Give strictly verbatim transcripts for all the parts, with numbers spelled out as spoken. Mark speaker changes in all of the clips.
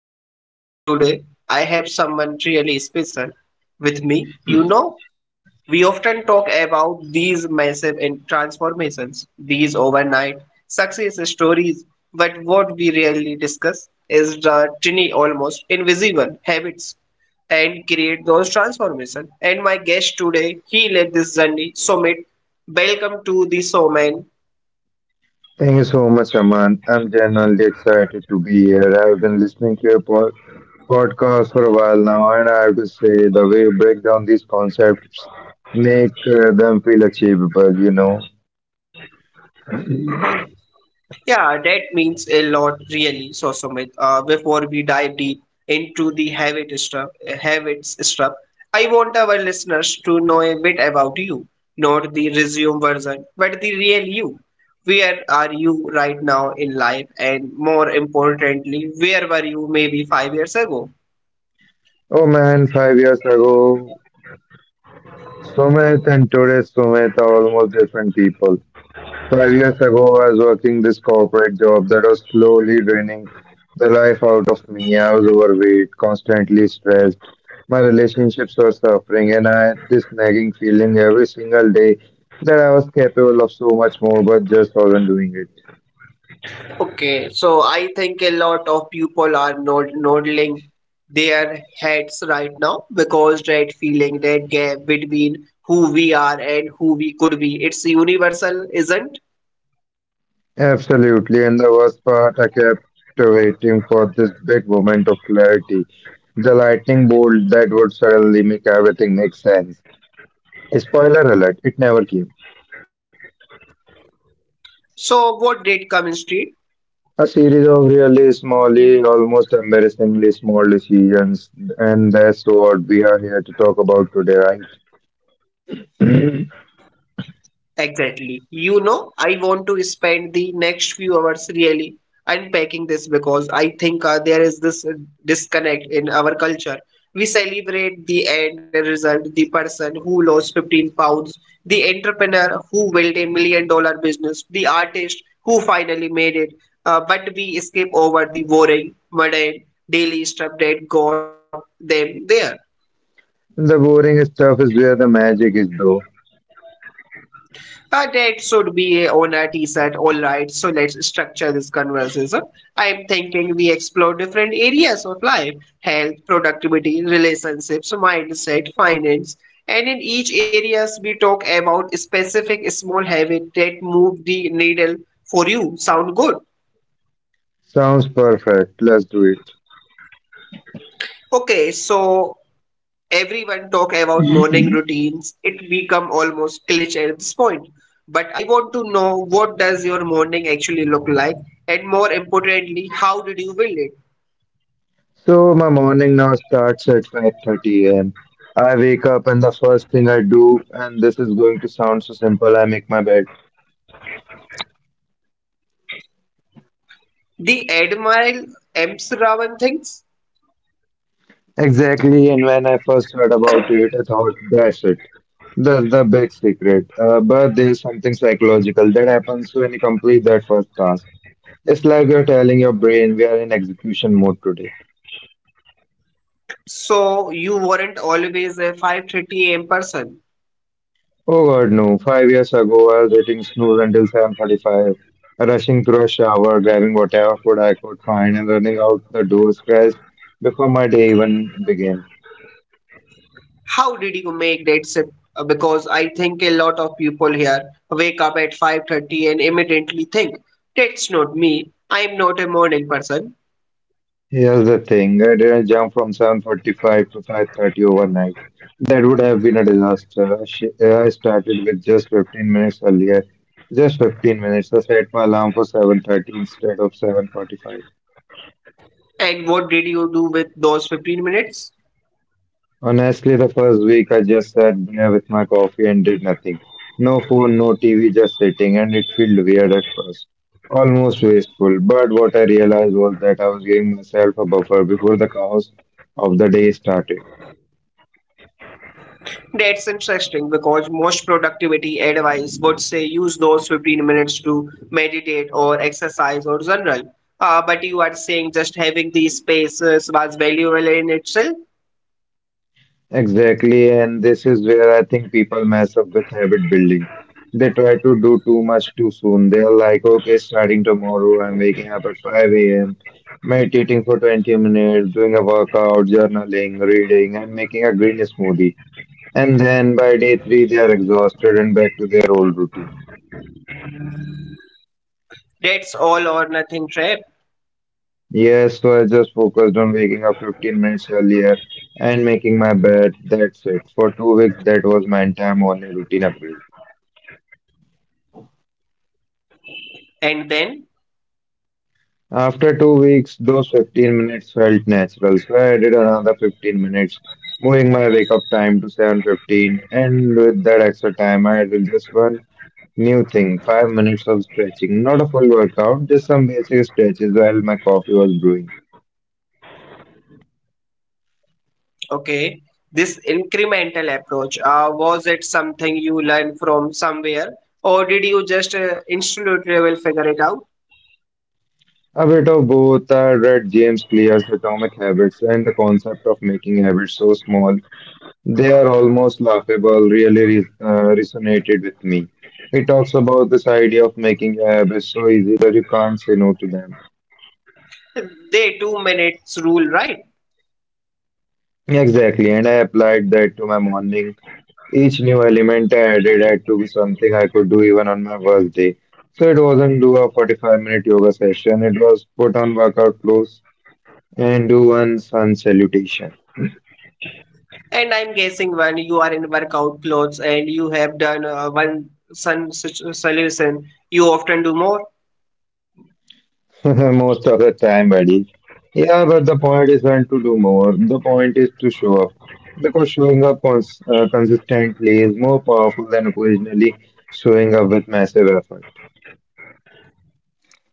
Speaker 1: Host Aman, and today I have someone really special with me. You know, we often talk about these massive and transformations, these overnight success stories, but what we rarely discuss is the tiny, almost invisible habits and create those transformation. And my guest today, he led this journey. Sumit, welcome to the Soman.
Speaker 2: Thank you so much, Aman. I'm genuinely excited to be here. I've been listening to your pod- podcast for a while now, and I have to say, the way you break down these concepts make uh, them feel achievable, you know.
Speaker 1: Yeah, that means a lot, really. So Sumit, uh, before we dive deep into the habit stuff, habits stuff, I want our listeners to know a bit about you, not the resume version, but the real you. Are you right now in life, and more importantly, where were you maybe five years ago?
Speaker 2: Oh man, five years ago, Sumit and today Sumit are almost different people. Five years ago, I was working this corporate job that was slowly draining the life out of me. I was overweight, constantly stressed. My relationships were suffering, and I had this nagging feeling every single day that I was capable of so much more but just wasn't doing it.
Speaker 1: Okay, so I think a lot of people are nod nodding their heads right now because that feeling, that gap between who we are and who we could be, it's universal, isn't?
Speaker 2: Absolutely, and the worst part, I kept waiting for this big moment of clarity, the lightning bolt that would suddenly make everything make sense. Spoiler alert, it never came.
Speaker 1: So what did Common Street?
Speaker 2: A series of really smally, almost embarrassingly small decisions, and that's what we are here to talk about today, right?
Speaker 1: Exactly. You know, I want to spend the next few hours really unpacking this because I think uh, there is this uh, disconnect in our culture. We celebrate the end result, the person who lost fifteen pounds, the entrepreneur who built a million dollar business, the artist who finally made it. Uh, but we skip over the boring, mundane, daily stuff that got them there.
Speaker 2: The boring stuff is where the magic is, though.
Speaker 1: But that should be on a tea set. All right, so let's structure this conversation. I'm thinking we explore different areas of life health, productivity, relationships, mindset, finance. And in each areas, we talk about specific small habit that move the needle for you. Sound good?
Speaker 2: Sounds perfect. Let's do it.
Speaker 1: Okay, so everyone talk about morning routines. It become almost cliche at this point. But I want to know what does your morning actually look like, and more importantly, how did you build it?
Speaker 2: So my morning now starts at five thirty a m. I wake up and the first thing I do, and this is going to sound so simple, I make my bed.
Speaker 1: The Admiral M. Ravan thinks.
Speaker 2: Exactly, and when I first heard about it, I thought that's it. That's the big secret. Uh, but there's something psychological that happens when you complete that first task. It's like you're telling your brain we are in execution mode today.
Speaker 1: So you weren't always a five thirty a m person.
Speaker 2: Oh God, no. Five years ago, I was hitting snooze until seven forty-five, rushing through a shower, grabbing whatever food I could find, and running out the door stressed before my day even began.
Speaker 1: How did you make that shift? Uh, Because I think a lot of people here wake up at five thirty and immediately think, that's not me. I'm not a morning person.
Speaker 2: Here's the thing, I didn't jump from seven forty-five to five thirty overnight. That would have been a disaster. I sh- I started with just fifteen minutes earlier. Just fifteen minutes. I set my alarm for seven thirty instead of seven forty-five.
Speaker 1: And what did you do with those fifteen minutes?
Speaker 2: Honestly, the first week I just sat there with my coffee and did nothing. No phone, no T V, just sitting, and it felt weird at first. Almost wasteful, but what I realized was that I was giving myself a buffer before the chaos of the day started.
Speaker 1: That's interesting because most productivity advice would say use those fifteen minutes to meditate or exercise or journal. Uh, but you are saying just having these spaces was valuable in itself.
Speaker 2: Exactly, and this is where I think people mess up with habit building. They try to do too much too soon. They're like, okay, starting tomorrow, I'm waking up at five a m, meditating for twenty minutes, doing a workout, journaling, reading, and making a green smoothie. And then by day three, they are exhausted and back to their old routine.
Speaker 1: That's all or nothing trap.
Speaker 2: Yes, so I just focused on waking up fifteen minutes earlier and making my bed. That's it. For two weeks, that was my entire morning routine upgrade.
Speaker 1: And then,
Speaker 2: After two weeks, those fifteen minutes felt natural, so I added another fifteen minutes, moving my wake up time to seven fifteen. And with that extra time, I added just one new thing, five minutes of stretching. Not a full workout, just some basic stretches while my coffee was brewing.
Speaker 1: okay, this incremental approach, uh, was it something you learned from somewhere or did you just uh, instinctively figure it out?
Speaker 2: A bit of both. I read James Clear's Atomic Habits, and the concept of making habits so small They are almost laughable, really re- uh, resonated with me. He talks about this idea of making your habits so easy that you can't say no to them.
Speaker 1: The two minutes rule, right?
Speaker 2: Exactly, and I applied that to my morning. Each new element I added had to be something I could do even on my worst day. So it wasn't do a forty-five minute yoga session, it was put on workout clothes and do one sun salutation.
Speaker 1: And I'm guessing when you are in workout clothes and you have done uh, one sun s- solution, you often do more.
Speaker 2: Most of the time, buddy. Yeah, but the point is when to do more. The point is to show up. Because showing up cons uh, consistently is more powerful than occasionally showing up with massive effort.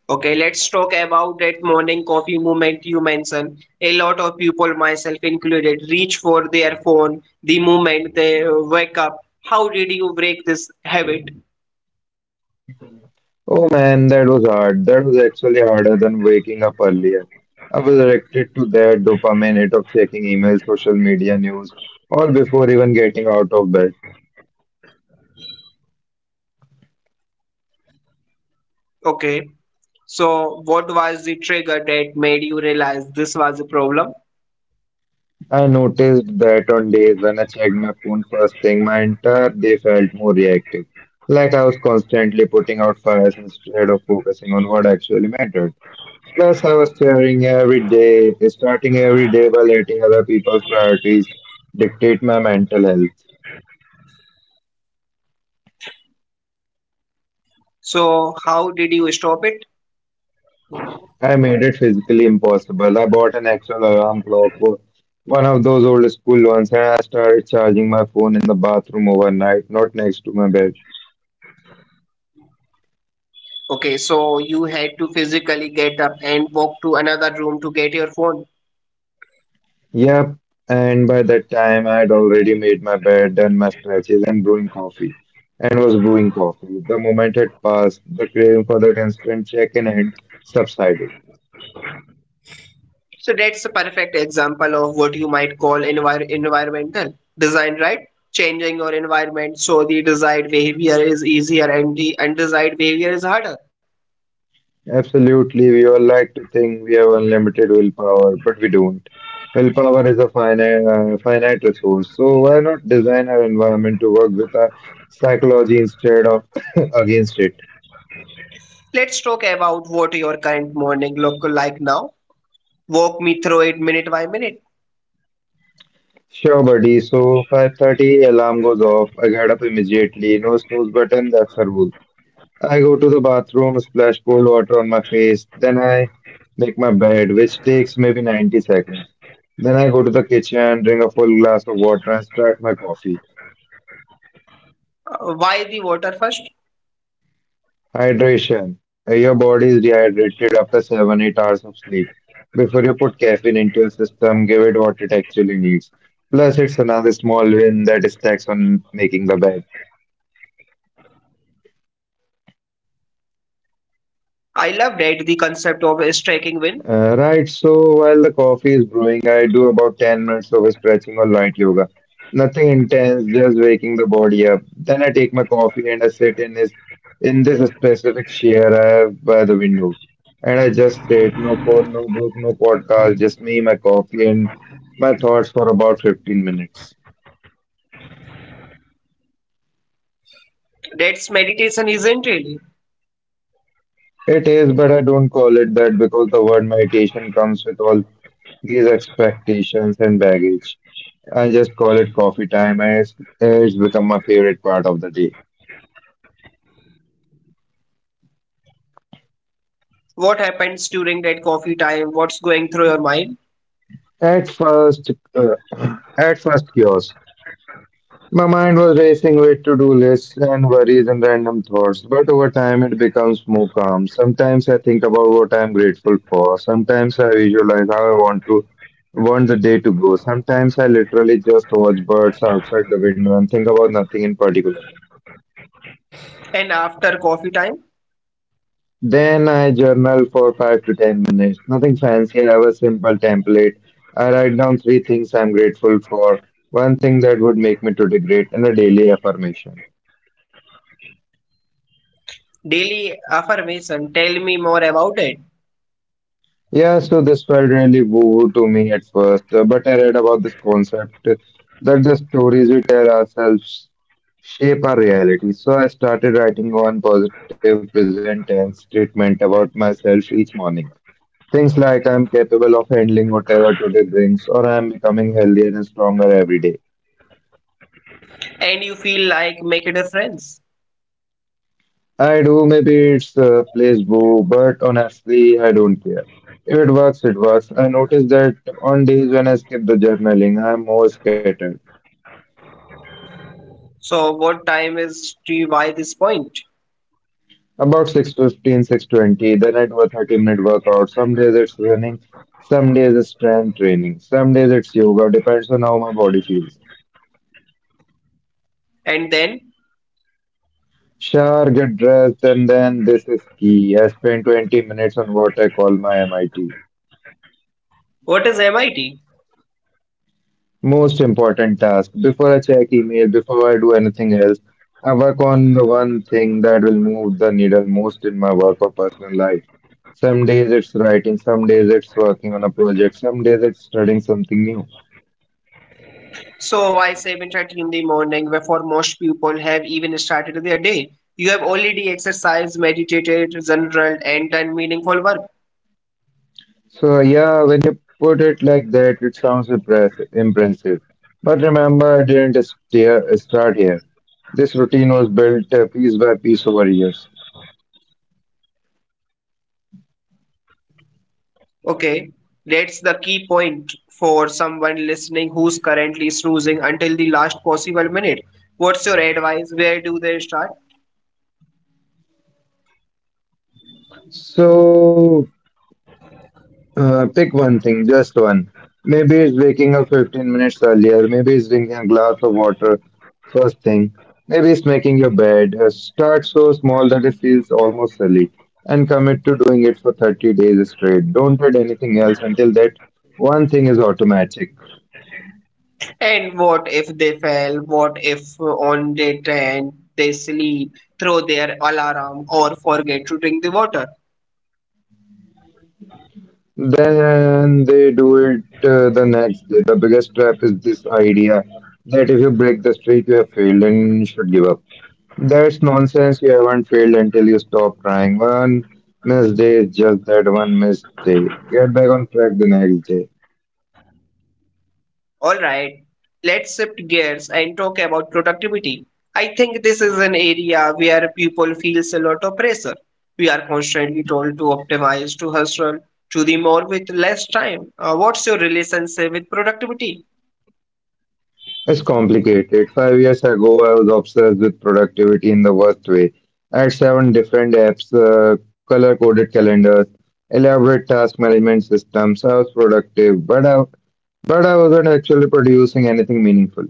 Speaker 1: Okay, let's talk about that morning coffee movement you mentioned. A lot of people, myself included, reach for their phone the moment they uh, wake up. How did you break this habit?
Speaker 2: Oh man, that was hard. That was actually harder than waking up earlier. I was addicted to that dopamine hit of checking emails, social media news, all before even getting out of bed.
Speaker 1: Okay, so what was the trigger that made you realize this was a problem?
Speaker 2: I noticed that on days when I checked my phone first thing, my entire day felt more reactive. Like I was constantly putting out fires instead of focusing on what actually mattered. Plus, I was staring every day, starting every day by letting other people's priorities dictate my mental health.
Speaker 1: So, how did you stop it?
Speaker 2: I made it physically impossible. I bought an actual alarm clock, wo- one of those old school ones, and I started charging my phone in the bathroom overnight, not next to my bed.
Speaker 1: Okay, so you had to physically get up and walk to another room to get your phone.
Speaker 2: Yep, and by that time I had already made my bed, done my stretches, and brewing coffee. And was brewing coffee. The moment had passed, the craving for that instant check-in had subsided.
Speaker 1: So that's a perfect example of what you might call envir environmental design, right? Changing your environment so the desired behavior is easier and the undesired behavior is harder.
Speaker 2: Absolutely, we all like to think we have unlimited willpower, but we don't. Willpower is a finite, uh, finite resource, so why not design our environment to work with our psychology instead of against it?
Speaker 1: Let's talk about what your current morning look like now. Walk me through it minute by minute.
Speaker 2: Sure, buddy. So five thirty alarm goes off. I get up immediately. No snooze button. That's a rule. I go to the bathroom, splash cold water on my face. Then I make my bed, which takes maybe ninety seconds. Then I go to the kitchen, drink a full glass of water, and start my coffee.
Speaker 1: Uh, why the water first?
Speaker 2: Hydration. Uh, Your body is dehydrated after seven, eight hours of sleep. Before you put caffeine into your system, give it what it actually needs. Plus, it's another small win that stacks on making the bed.
Speaker 1: I love that the concept of striking wind.
Speaker 2: Uh, right, so while the coffee is brewing, I do about ten minutes of stretching or light yoga. Nothing intense, just waking the body up. Then I take my coffee and I sit in this in this specific chair I have by the window. And I just sit, no phone, no book, no podcast, just me, my coffee, and my thoughts for about fifteen minutes.
Speaker 1: That's meditation, isn't it?
Speaker 2: It is, but I don't call it that because the word meditation comes with all these expectations and baggage. I just call it coffee time, and it's, it's become my favorite part of the day.
Speaker 1: What happens during that coffee time? What's going through your mind?
Speaker 2: At first, uh, at first, chaos. My mind was racing with to-do lists and worries and random thoughts, but over time it becomes more calm. Sometimes I think about what I'm grateful for. Sometimes I visualize how I want to want the day to go. Sometimes I literally just watch birds outside the window and think about nothing in particular.
Speaker 1: And after coffee time?
Speaker 2: Then I journal for five to ten minutes. Nothing fancy, I have a simple template. I write down three things I'm grateful for, one thing that would make me today great, and a daily affirmation.
Speaker 1: Daily affirmation. Tell me more about it.
Speaker 2: Yeah, so this felt really woo to me at first, uh, but I read about this concept uh, that the stories we tell ourselves shape our reality. So I started writing one positive present tense statement about myself each morning. Things like I'm capable of handling whatever today brings, or I'm becoming healthier and stronger every day.
Speaker 1: And you feel like make a difference.
Speaker 2: I do, maybe it's uh, plays boo, but honestly, I don't care. If it works, it works. I notice that on days when I skip the journaling, I'm more scattered.
Speaker 1: So what time is T by this point?
Speaker 2: About six fifteen, six twenty, then I do a thirty-minute workout. Some days it's running, some days it's strength training, some days it's yoga, depends on how my body feels.
Speaker 1: And then
Speaker 2: Sure, get dressed, and then this is key. I spend twenty minutes on what I call my M I T.
Speaker 1: what is M I T?
Speaker 2: Most important task. Before I check email, before I do anything else, I work on the one thing that will move the needle most in my work or personal life. Some days it's writing, some days it's working on a project, some days it's studying something new.
Speaker 1: So why seven thirty in the morning before most people have even started their day? You have already exercised, meditated, journaled, and done meaningful work.
Speaker 2: So yeah, when you put it like that, it sounds impress impressive. But remember, it didn't steer, start here. This routine was built uh, piece by piece over years.
Speaker 1: Okay, that's the key point for someone listening who's currently snoozing until the last possible minute. What's your advice? Where do they start?
Speaker 2: So uh, pick one thing, just one. Maybe it's waking up fifteen minutes earlier. Maybe it's drinking a glass of water first thing. Maybe it's making your bed. Uh, start so small that it feels almost silly, and commit to doing it for thirty days straight. Don't add anything else until that one thing is automatic.
Speaker 1: And what if they fail? What if uh, on day ten they sleep, throw their alarm, or forget to drink the water?
Speaker 2: Then they do it uh, the next day. The biggest trap is this idea that if you break the streak, you have failed and you should give up. That's nonsense. You haven't failed until you stop trying. One missed day is just that one missed day. Get back on track the next day.
Speaker 1: All right, let's shift gears and talk about productivity. I think this is an area where people feels a lot of pressure. We are constantly told to optimize, to hustle, to do more with less time. Uh, what's your relationship with productivity?
Speaker 2: It's complicated. Five years ago, I was obsessed with productivity in the worst way. I had seven different apps, uh, color coded calendars, elaborate task management systems. I was productive, but I but I wasn't actually producing anything meaningful.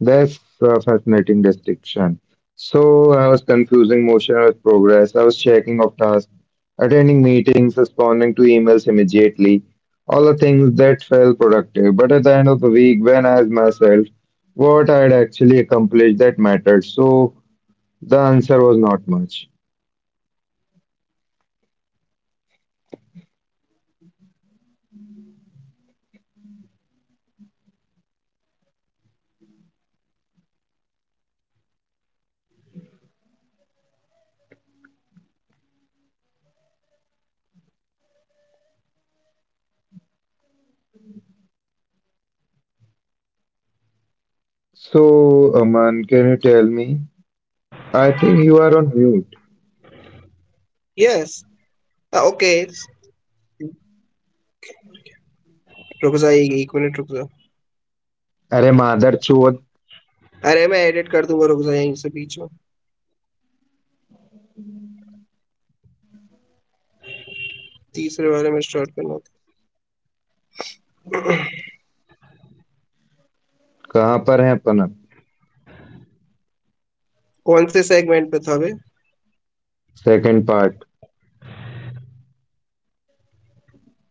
Speaker 2: That's a fascinating distinction. So I was confusing motion with progress. I was checking off tasks, attending meetings, responding to emails immediately, all the things that felt productive. But at the end of the week, when I asked myself what I had actually accomplished that mattered, so the answer was not much. So, Aman, can you tell me? I think you are on mute.
Speaker 1: Yes okay रुक जा एक एक minute रुक जा
Speaker 2: अरे मादर चोद,
Speaker 1: अरे मैं एडिट कर दूंगा रुक जा यहीं से बीच में तीसरे वाले में स्टार्ट करना था
Speaker 2: कहाँ पर है अपन अब?
Speaker 1: कौन से सेगमेंट पे था बे
Speaker 2: सेकंड पार्ट.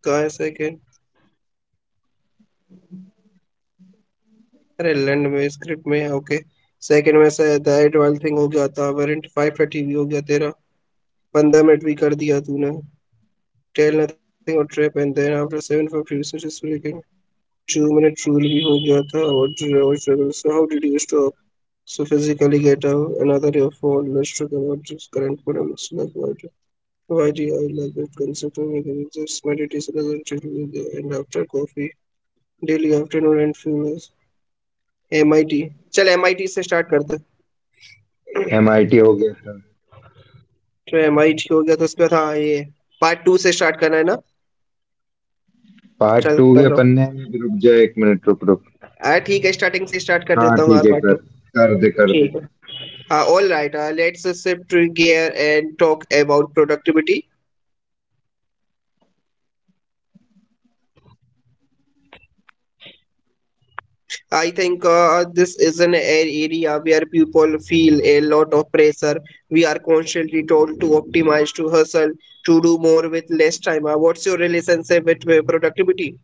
Speaker 1: कहाँ है सेकंड? अरे लैंड में स्क्रिप्ट में ओके सेकंड में से दैट वाला थिंग हो गया था वेरिएंट फाइव थर्टी भी हो गया तेरा पंद्रह मिनट भी कर दिया तूने टेल नथिंग और trap and then after seven fifty resources breaking दो मिनट ट्रूल भी हो गया था और travel so how did you stop. So physically get out another your phone. Let's talk about this current polemics like why do, why do I like that concept of making it just meditation as until the end after coffee, daily afternoon and fullness. M I T. चल M I T से start करते हैं
Speaker 2: MIT हो गया था.
Speaker 1: तो M आई हो गया तो उसमें था ये पार्ट टू से स्टार्ट करना है ना
Speaker 2: पार्ट
Speaker 1: चल
Speaker 2: टू भी
Speaker 1: कर रहा
Speaker 2: अपन ने.
Speaker 1: हूँ
Speaker 2: रुक जा एक मिनट, रुक रुक.
Speaker 1: हाँ ठीक है स्टार्टिंग से स्टार्ट कर
Speaker 2: हाँ
Speaker 1: देता हूँ
Speaker 2: ठीक है,
Speaker 1: पार्ट
Speaker 2: कर,
Speaker 1: टू
Speaker 2: कर दे कर दे.
Speaker 1: ठीक है हाँ all right let's shift gear and talk about productivity. I think uh, this is an a- area where people feel a lot of pressure. We are constantly told to optimize, to hustle, to do more with less time. Uh, what's your relationship with uh, productivity?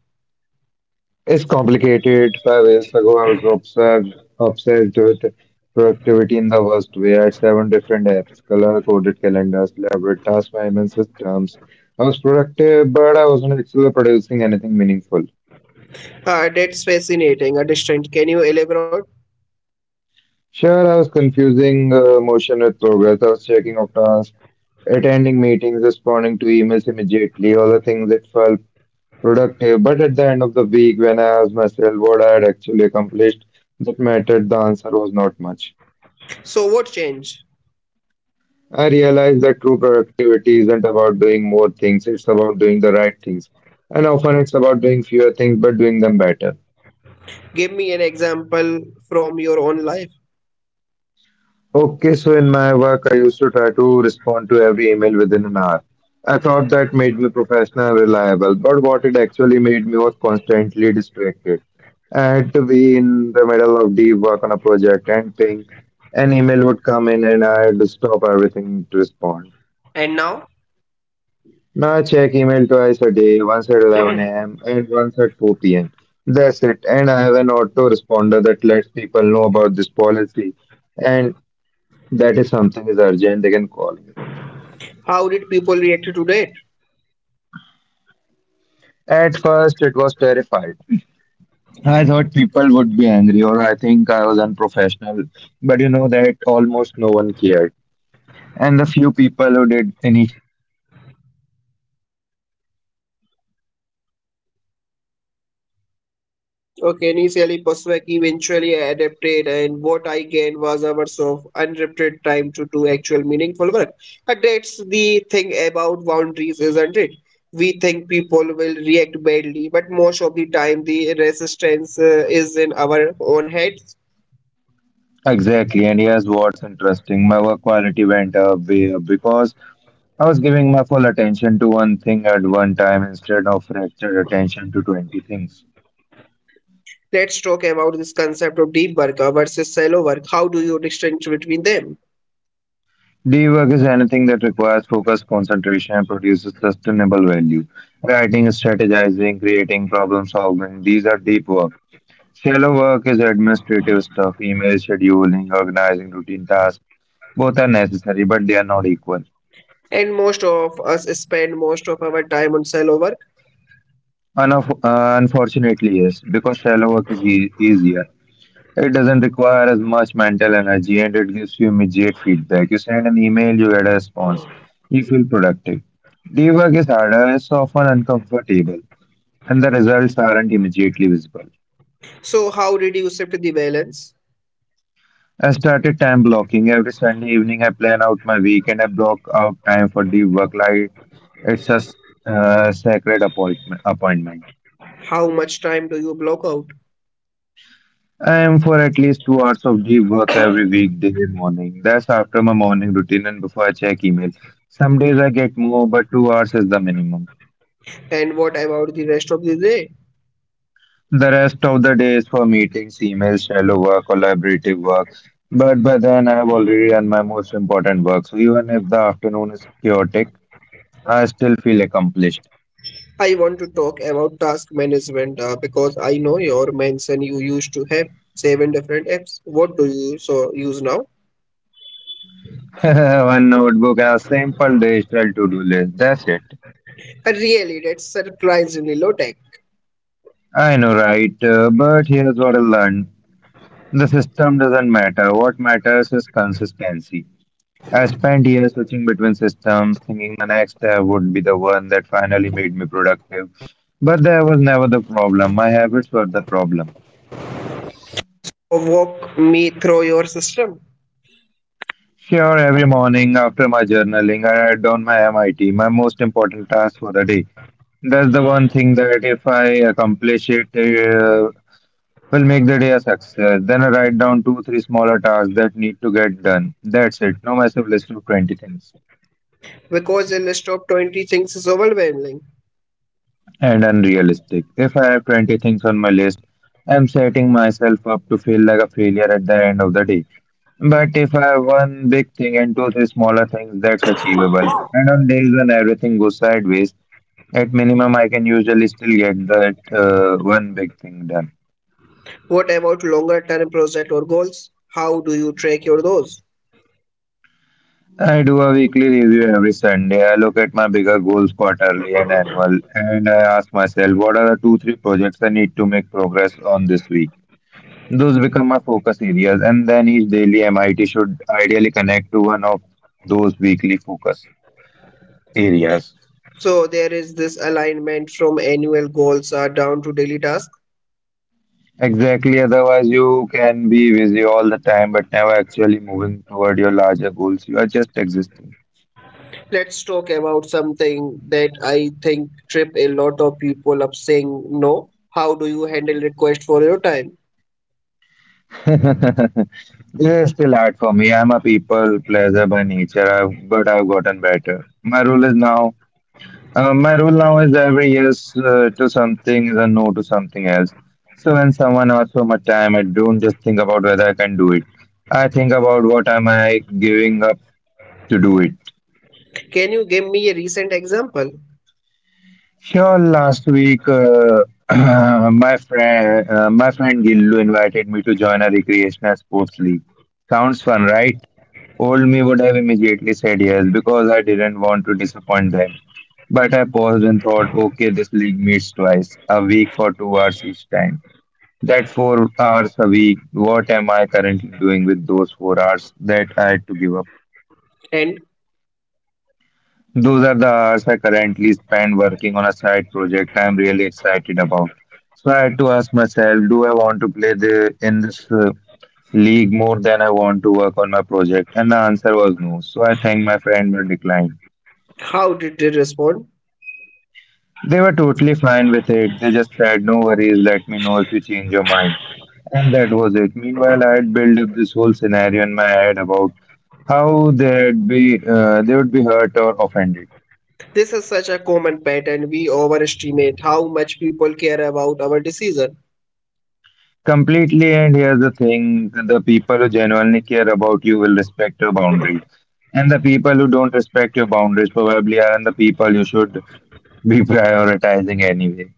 Speaker 2: It's complicated. Five years ago I was obsessed obsessed with productivity in the worst way. I had seven different apps, color coded calendars, elaborate task management systems. I was productive but I wasn't actually producing anything meaningful.
Speaker 1: Uh, that's fascinating, uh, distant. Can you elaborate?
Speaker 2: Sure, I was confusing uh, motion with progress. I was checking off tasks, attending meetings, responding to emails immediately, all the things that felt productive. But at the end of the week, when I asked myself what I had actually accomplished that mattered, the answer was not much.
Speaker 1: So, what changed?
Speaker 2: I realized that true productivity isn't about doing more things, it's about doing the right things. And often it's about doing fewer things but doing them better.
Speaker 1: Give me an example from your own life.
Speaker 2: Okay, so in my work, I used to try to respond to every email within an hour. I thought that made me professional and reliable, but what it actually made me was constantly distracted. I had to be in the middle of deep work on a project and thing. An email would come in and I had to stop everything to respond.
Speaker 1: And now,
Speaker 2: Now I check email twice a day, once at eleven a m and once at four p m. That's it. And I have an autoresponder that lets people know about this policy. And that is something is urgent, they can call me.
Speaker 1: how did people react to that?
Speaker 2: At first, it was terrified. I thought people would be angry, or I think I was unprofessional. But you know that almost no one cared. And the few people who did initially push back eventually adapted. What I gained was hours of in- uninterrupted time to do actual meaningful
Speaker 1: Okay,
Speaker 2: work.
Speaker 1: initially Postwek eventually adapted and what I gained was hours of uninterrupted time to do actual meaningful work. And that's the thing about boundaries, isn't it? We think people will react badly, but most of the time the resistance uh, is in our own heads.
Speaker 2: Exactly, and here's what's interesting. My work quality went up, way up, because I was giving my full attention to one thing at one time instead of fractured attention to twenty things.
Speaker 1: Let's talk about this concept of deep work versus shallow work. How do you distinguish between them?
Speaker 2: Day work is anything that requires focus, concentration, and produces sustainable value. Writing, strategizing, creating, problem solving, these are deep work. Shallow work is administrative stuff, email scheduling, organizing routine tasks. Both are necessary, but they are not equal.
Speaker 1: And most of us spend most of our time on sellover.
Speaker 2: Unf- uh, unfortunately, yes, because shallow work is e- easier. It doesn't require as much mental energy and it gives you immediate feedback. You send an email, you get a response. You feel productive. Deep work is harder, it's often uncomfortable, and the results aren't immediately visible.
Speaker 1: So, how did you shift the balance?
Speaker 2: I started time blocking. Every Sunday evening, I plan out my week and I block out time for the work life. It's a s- uh, sacred appointment. appointment.
Speaker 1: How much time do you block out?
Speaker 2: I am for at least two hours of deep work every weekday morning. That's after my morning routine and before I check email. Some days I get more, but two hours is the minimum.
Speaker 1: And what about the rest of the day?
Speaker 2: The rest of the day is for meetings, emails, shallow work, collaborative work. But by then, I have already done my most important work. So even if the afternoon is chaotic, I still feel accomplished.
Speaker 1: I want to talk about task management uh, because I know your mention you used to have seven different apps. What do you so use now?
Speaker 2: One notebook and a simple digital to-do list. That's it.
Speaker 1: And really, that's surprisingly low tech.
Speaker 2: I know, right? Uh, but here's what I learned. The system doesn't matter. What matters is consistency. I spent years switching between systems, thinking the next step would be the one that finally made me productive. But that was never the problem. My habits were the problem. Sure, every morning after my journaling, I write down my M I T, my most important task for the day. That's the one thing that if I accomplish it, uh, will make the day a success. Then I write down two, three smaller tasks that need to get done. That's it. No massive list of twenty things.
Speaker 1: Because a list of twenty things is overwhelming.
Speaker 2: And unrealistic. If I have twenty things on my list, I'm setting myself up to feel like a failure at the end of the day. But if I have one big thing and two, three smaller things, that's achievable. And on days when everything goes sideways, at minimum, I can usually still get that uh, one big thing done.
Speaker 1: What about longer term project or goals? How do you track your goals?
Speaker 2: I do a weekly review every Sunday. I look at my bigger goals, quarterly and annual, and I ask myself what are the two, three projects I need to make progress on this week. Those become my focus areas, and then each daily M I T should ideally connect to one of those weekly focus areas.
Speaker 1: So there is this alignment from annual goals are down to daily tasks.
Speaker 2: Exactly, otherwise, you can be busy all the time but never actually moving toward your larger goals. You are just existing.
Speaker 1: Let's talk about something that I think trip a lot of people up saying no. How do you handle request for your time?
Speaker 2: This still hard for me. I'm a people pleaser by nature, I've, but I've gotten better. My rule is now, uh, my rule now is every yes uh, to something is a no to something else. So when someone asks for my time, I don't just think about whether I can do it. I think about what am I giving up to do it.
Speaker 1: Can you give me a recent example?
Speaker 2: Sure, last week uh, my friend, uh, my friend Gillu invited me to join a recreational sports league. Sounds fun, right? Old me would have immediately said yes because I didn't want to disappoint them. But I paused and thought, okay, this league meets twice a week for two hours each time. That four hours a week, what am I currently doing with those four hours that I had to give up?
Speaker 1: And
Speaker 2: Those are the hours I currently spend working on a side project I'm really excited about. So I had to ask myself, do I want to play the in this uh, league more than I want to work on my project? And the answer was no. So I thanked my friend but declined.
Speaker 1: how did they respond?
Speaker 2: They were totally fine with it. They just said, no worries, let me know if you change your mind. And that was it. Meanwhile, I had built up this whole scenario in my head about how they'd be, uh, they would be hurt or offended.
Speaker 1: This is such a common pattern. We overestimate how much people care about our decision.
Speaker 2: Completely, and here's the thing, the people who genuinely care about you will respect your boundaries. And the people who don't respect your boundaries probably aren't the people you should be prioritizing anyway.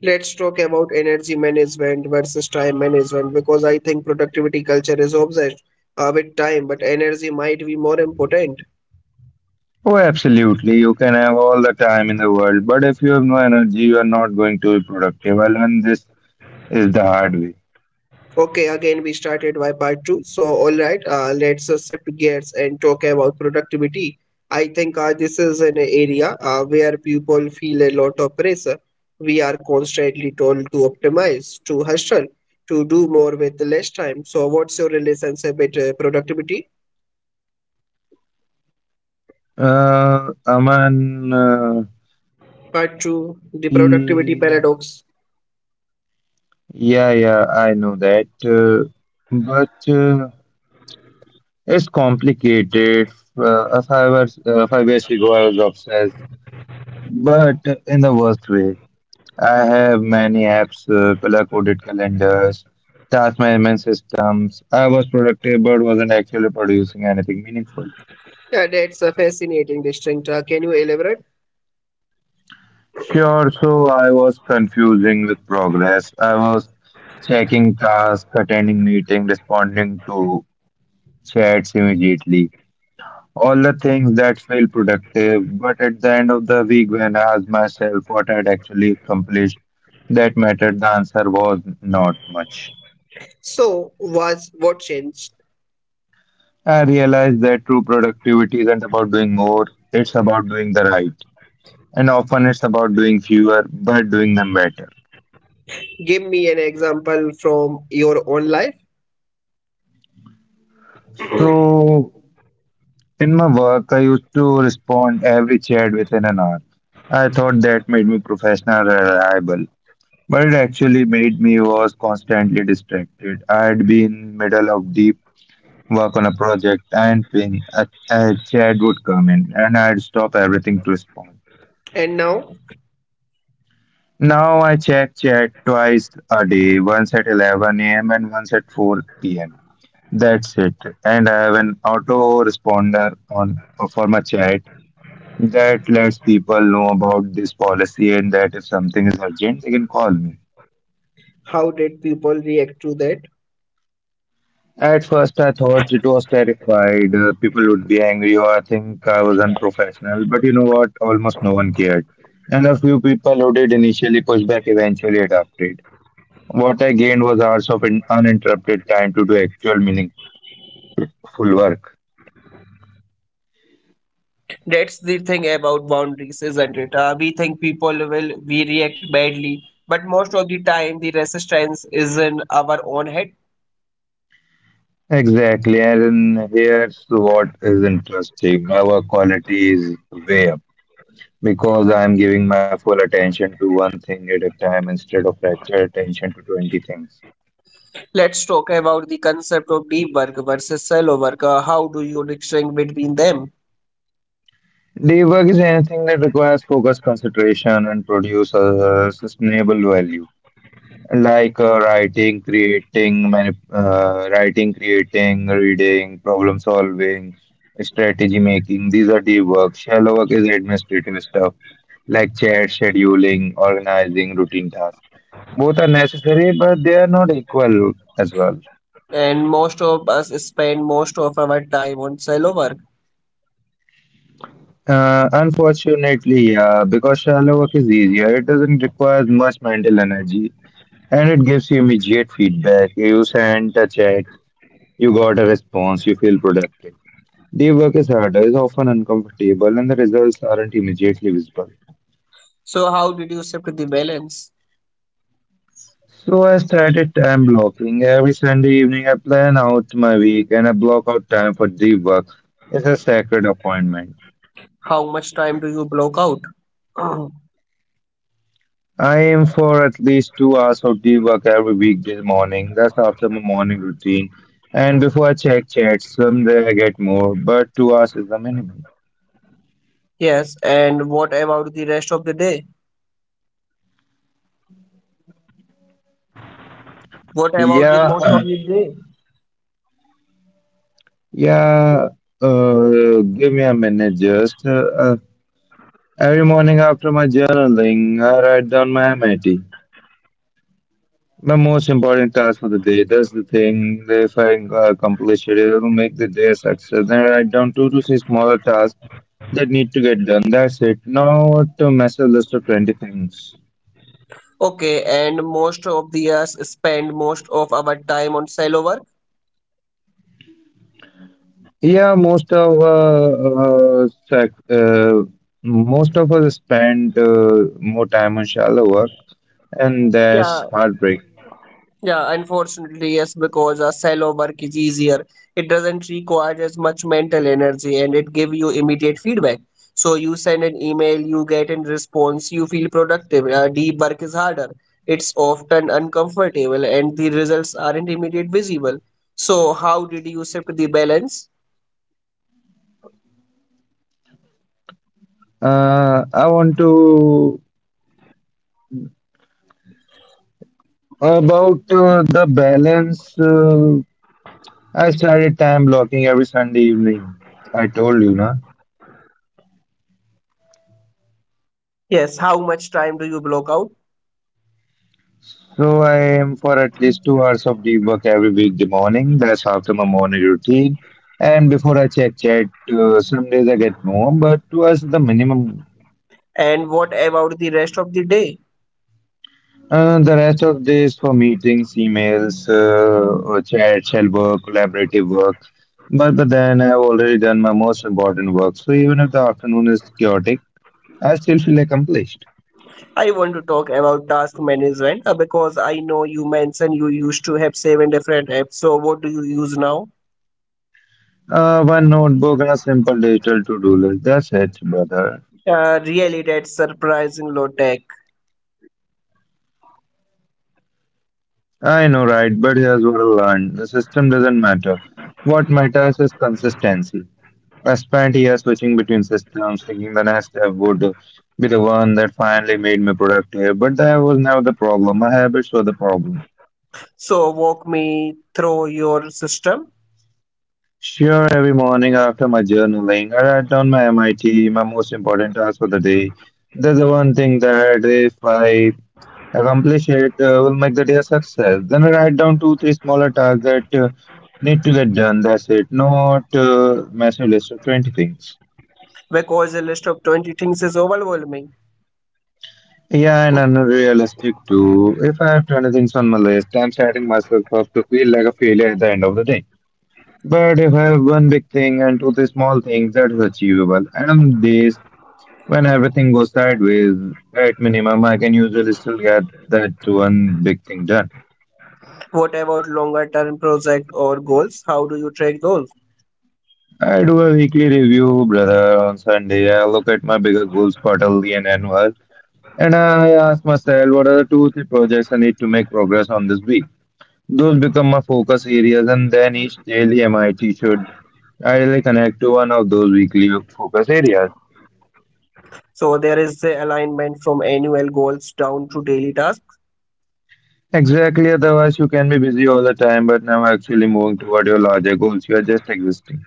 Speaker 1: Let's talk about energy management versus time management because I think productivity culture is obsessed uh, with time, but energy might be more important.
Speaker 2: Oh, absolutely. You can have all the time in the world, but if you have no energy, you are not going to be productive. I learned this is the hard way.
Speaker 1: Okay, again, we started by part two. So, all right, uh, let's uh, shift gears and talk about productivity. I think uh, this is an area uh, where people feel a lot of pressure. We are constantly told to optimize, to hustle, to do more with less time. So, what's your relationship with uh, productivity?
Speaker 2: Uh, Aman, uh,
Speaker 1: Part two, the productivity
Speaker 2: basically,
Speaker 1: paradox.
Speaker 2: yeah, yeah, I know that. Uh, but uh, It's complicated. Uh, five, hours, uh, five years ago, I was obsessed, but in the worst way. I have many apps, uh, color-coded calendars, task management systems. I was productive but wasn't actually producing anything meaningful.
Speaker 1: Yeah, that's a fascinating distinct. Uh, can you elaborate?
Speaker 2: Sure, so I was confusing with progress. I was checking tasks, attending meetings, responding to chats immediately. All the things that feel productive, but at the end of the week, when I asked myself what I'd actually accomplished, that mattered, the answer was not much.
Speaker 1: So, was what changed?
Speaker 2: I realize that true productivity isn't about doing more, it's about doing the right. And often it's about doing fewer, but doing them better.
Speaker 1: Give me an example from your own life.
Speaker 2: So, in my work, I used to respond every chat within an hour. I thought that made me professional and reliable, but it actually made me was constantly distracted. I had been middle of deep work on a project, and ping, a, a chat would come in, and I'd stop everything to respond.
Speaker 1: And now,
Speaker 2: Now I check chat twice a day, once at eleven a m and once at four p m. That's it. And I have an auto responder on for my chat that lets people know about this policy and that if something is urgent, they can call me.
Speaker 1: how did people react to that?
Speaker 2: At first, I thought it was terrified. uh, People would be angry or think I was unprofessional. But you know what? Almost no one cared. And a few people who did initially push back eventually adapted. What I gained was hours of in- uninterrupted time to do actual meaningful work.
Speaker 1: That's the thing about boundaries, isn't it? Uh, we think people will we react badly, but most of the time the resistance is in our own head.
Speaker 2: Exactly, and here's what is interesting. My work quality is way up because I'm giving my full attention to one thing at a time instead of fractured attention to twenty things.
Speaker 1: Let's talk about the concept of deep work versus shallow work. Uh, how do you distinguish between them?
Speaker 2: Day work is anything that requires focus, concentration, and produces uh, sustainable value. Like uh, writing, creating, mani- uh, writing, creating, reading, problem solving, strategy making. These are the work. Shallow work is administrative stuff like chat, scheduling, organizing, routine tasks. Both are necessary, but they are not equal as well.
Speaker 1: And most of us spend most of our time on shallow work.
Speaker 2: Uh, unfortunately, yeah, because shallow work is easier, it doesn't require much mental energy and it gives you immediate feedback. You send a chat, you got a response, you feel productive. The work is harder, is often uncomfortable, and the results aren't immediately visible.
Speaker 1: So, how did you shift the balance?
Speaker 2: So I started time blocking. Every Sunday evening, I plan out my week and I block out time for deep work. It's a sacred appointment.
Speaker 1: How much time do you block out?
Speaker 2: I aim for at least two hours of deep work every weekday morning. That's after my morning routine. And before I check chats, someday I get more, but two hours is the minimum.
Speaker 1: Yes, and what about the rest of the day? What about the most
Speaker 2: Yeah,
Speaker 1: of the
Speaker 2: uh,
Speaker 1: day?
Speaker 2: yeah. Uh, give me a minute, just. Uh, Every morning after my journaling, I write down my M I T, my most important task for the day. That's the thing. That If I uh, accomplish it, it will make the day a success. Then I write down two to six smaller tasks that need to get done. That's it. Not a massive list of twenty things.
Speaker 1: Okay, and most of the us spend most of our time on silo work.
Speaker 2: Yeah, most of uh, uh, sac- uh, most of us spend uh, more time on shallow work, and
Speaker 1: Yeah,
Speaker 2: that's heartbreak.
Speaker 1: Yeah, unfortunately, yes, because a silo work is easier. It doesn't require as much mental energy and it give you immediate feedback. So you send an email, you get in response, you feel productive. Uh, deep work is harder. It's often uncomfortable and the results aren't immediate visible. So how did you shift the balance?
Speaker 2: Uh, I want to. About uh, the balance, uh, I started time blocking every Sunday evening. I told you, na.
Speaker 1: Yes, how much time do you block out?
Speaker 2: So I aim for at least two hours of deep work every weekday morning. That's after my morning routine. And before I check chat, uh, some days I get more, but two hours is the minimum.
Speaker 1: And what about the rest of the day?
Speaker 2: Uh, the rest of days for meetings, emails, uh, or chat, shell work, collaborative work. But, but then I've already done my most important work. So even if the afternoon is chaotic, I still feel accomplished.
Speaker 1: I want to talk about task management uh, because I know you mentioned you used to have seven different apps. So, what do you use now?
Speaker 2: Uh, one notebook and a simple digital to-do list. That's it, brother.
Speaker 1: Uh, really, that's surprising low tech.
Speaker 2: I know, right? But here's what I learned. The system doesn't matter. What matters is consistency. I spent years switching between systems, thinking the next step would be the one that finally made me productive. But that was never the problem. My habits were the problem.
Speaker 1: So, walk me through your system
Speaker 2: Sure, every morning after my journaling, I write down my M I T, my most important task for the day. That's the one thing that if I accomplish it uh, will make the day a success. Then write down two, three smaller tasks that uh, need to get done. That's it. Not uh, massive list of twenty things.
Speaker 1: because a list of twenty things is overwhelming.
Speaker 2: Yeah, and unrealistic too. If I have twenty things on my list, I'm setting myself up to feel like a failure at the end of the day. But if I have one big thing and two, three small things, that is achievable. And on days when everything goes sideways, at minimum, I can usually still get that one big thing done.
Speaker 1: What about longer term project or goals? How do you track those?
Speaker 2: I do a weekly review, brother, on Sunday. I look at my bigger goals quarterly and annual, and I ask myself what are the two, three projects I need to make progress on this week. Those become my focus areas, and then each daily M I T should ideally connect to one of those weekly focus areas.
Speaker 1: So, there is the alignment from annual goals down to daily tasks.
Speaker 2: Exactly, otherwise, you can be busy all the time but never actually moving toward your larger goals. You are just existing.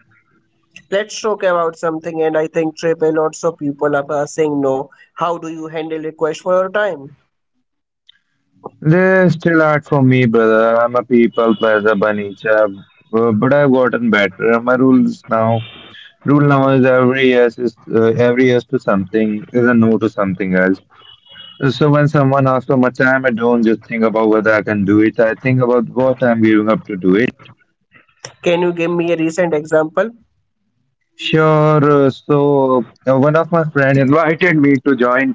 Speaker 1: Let's talk about something, and I think triple lots of people are uh, saying no. How do you handle requests for your time?
Speaker 2: There's still art for me, brother. I'm a people pleaser by nature, uh, but I've gotten better. My rules now Rule number is every yes is uh, every yes to something is a no to something else. So when someone asks for much time, I don't just think about whether I can do it. I think about what I'm giving up to do it.
Speaker 1: Can you give me a recent example?
Speaker 2: Sure. uh, So uh, one of my friend invited me to join.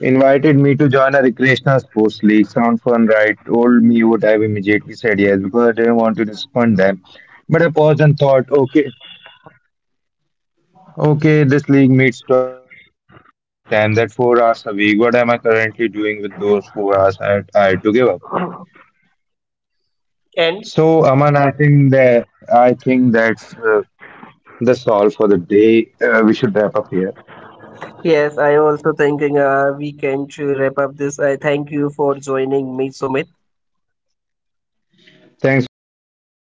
Speaker 2: Invited me to join a recreational sports league. Sound fun, right? Told me would have immediately said yes because I didn't want to disappoint them. But I paused and thought, okay, okay, this league meets twice a week for two hours each time. That four hours a week. What am I currently doing with those four hours I I had to give up?
Speaker 1: And
Speaker 2: So, Aman, I think that I think that's uh, that's all for the day. Uh, we should wrap up here.
Speaker 1: yes, I also thinking uh, we can to wrap up this. I thank you for joining me, Sumit.
Speaker 2: Thanks for having me, Aman. The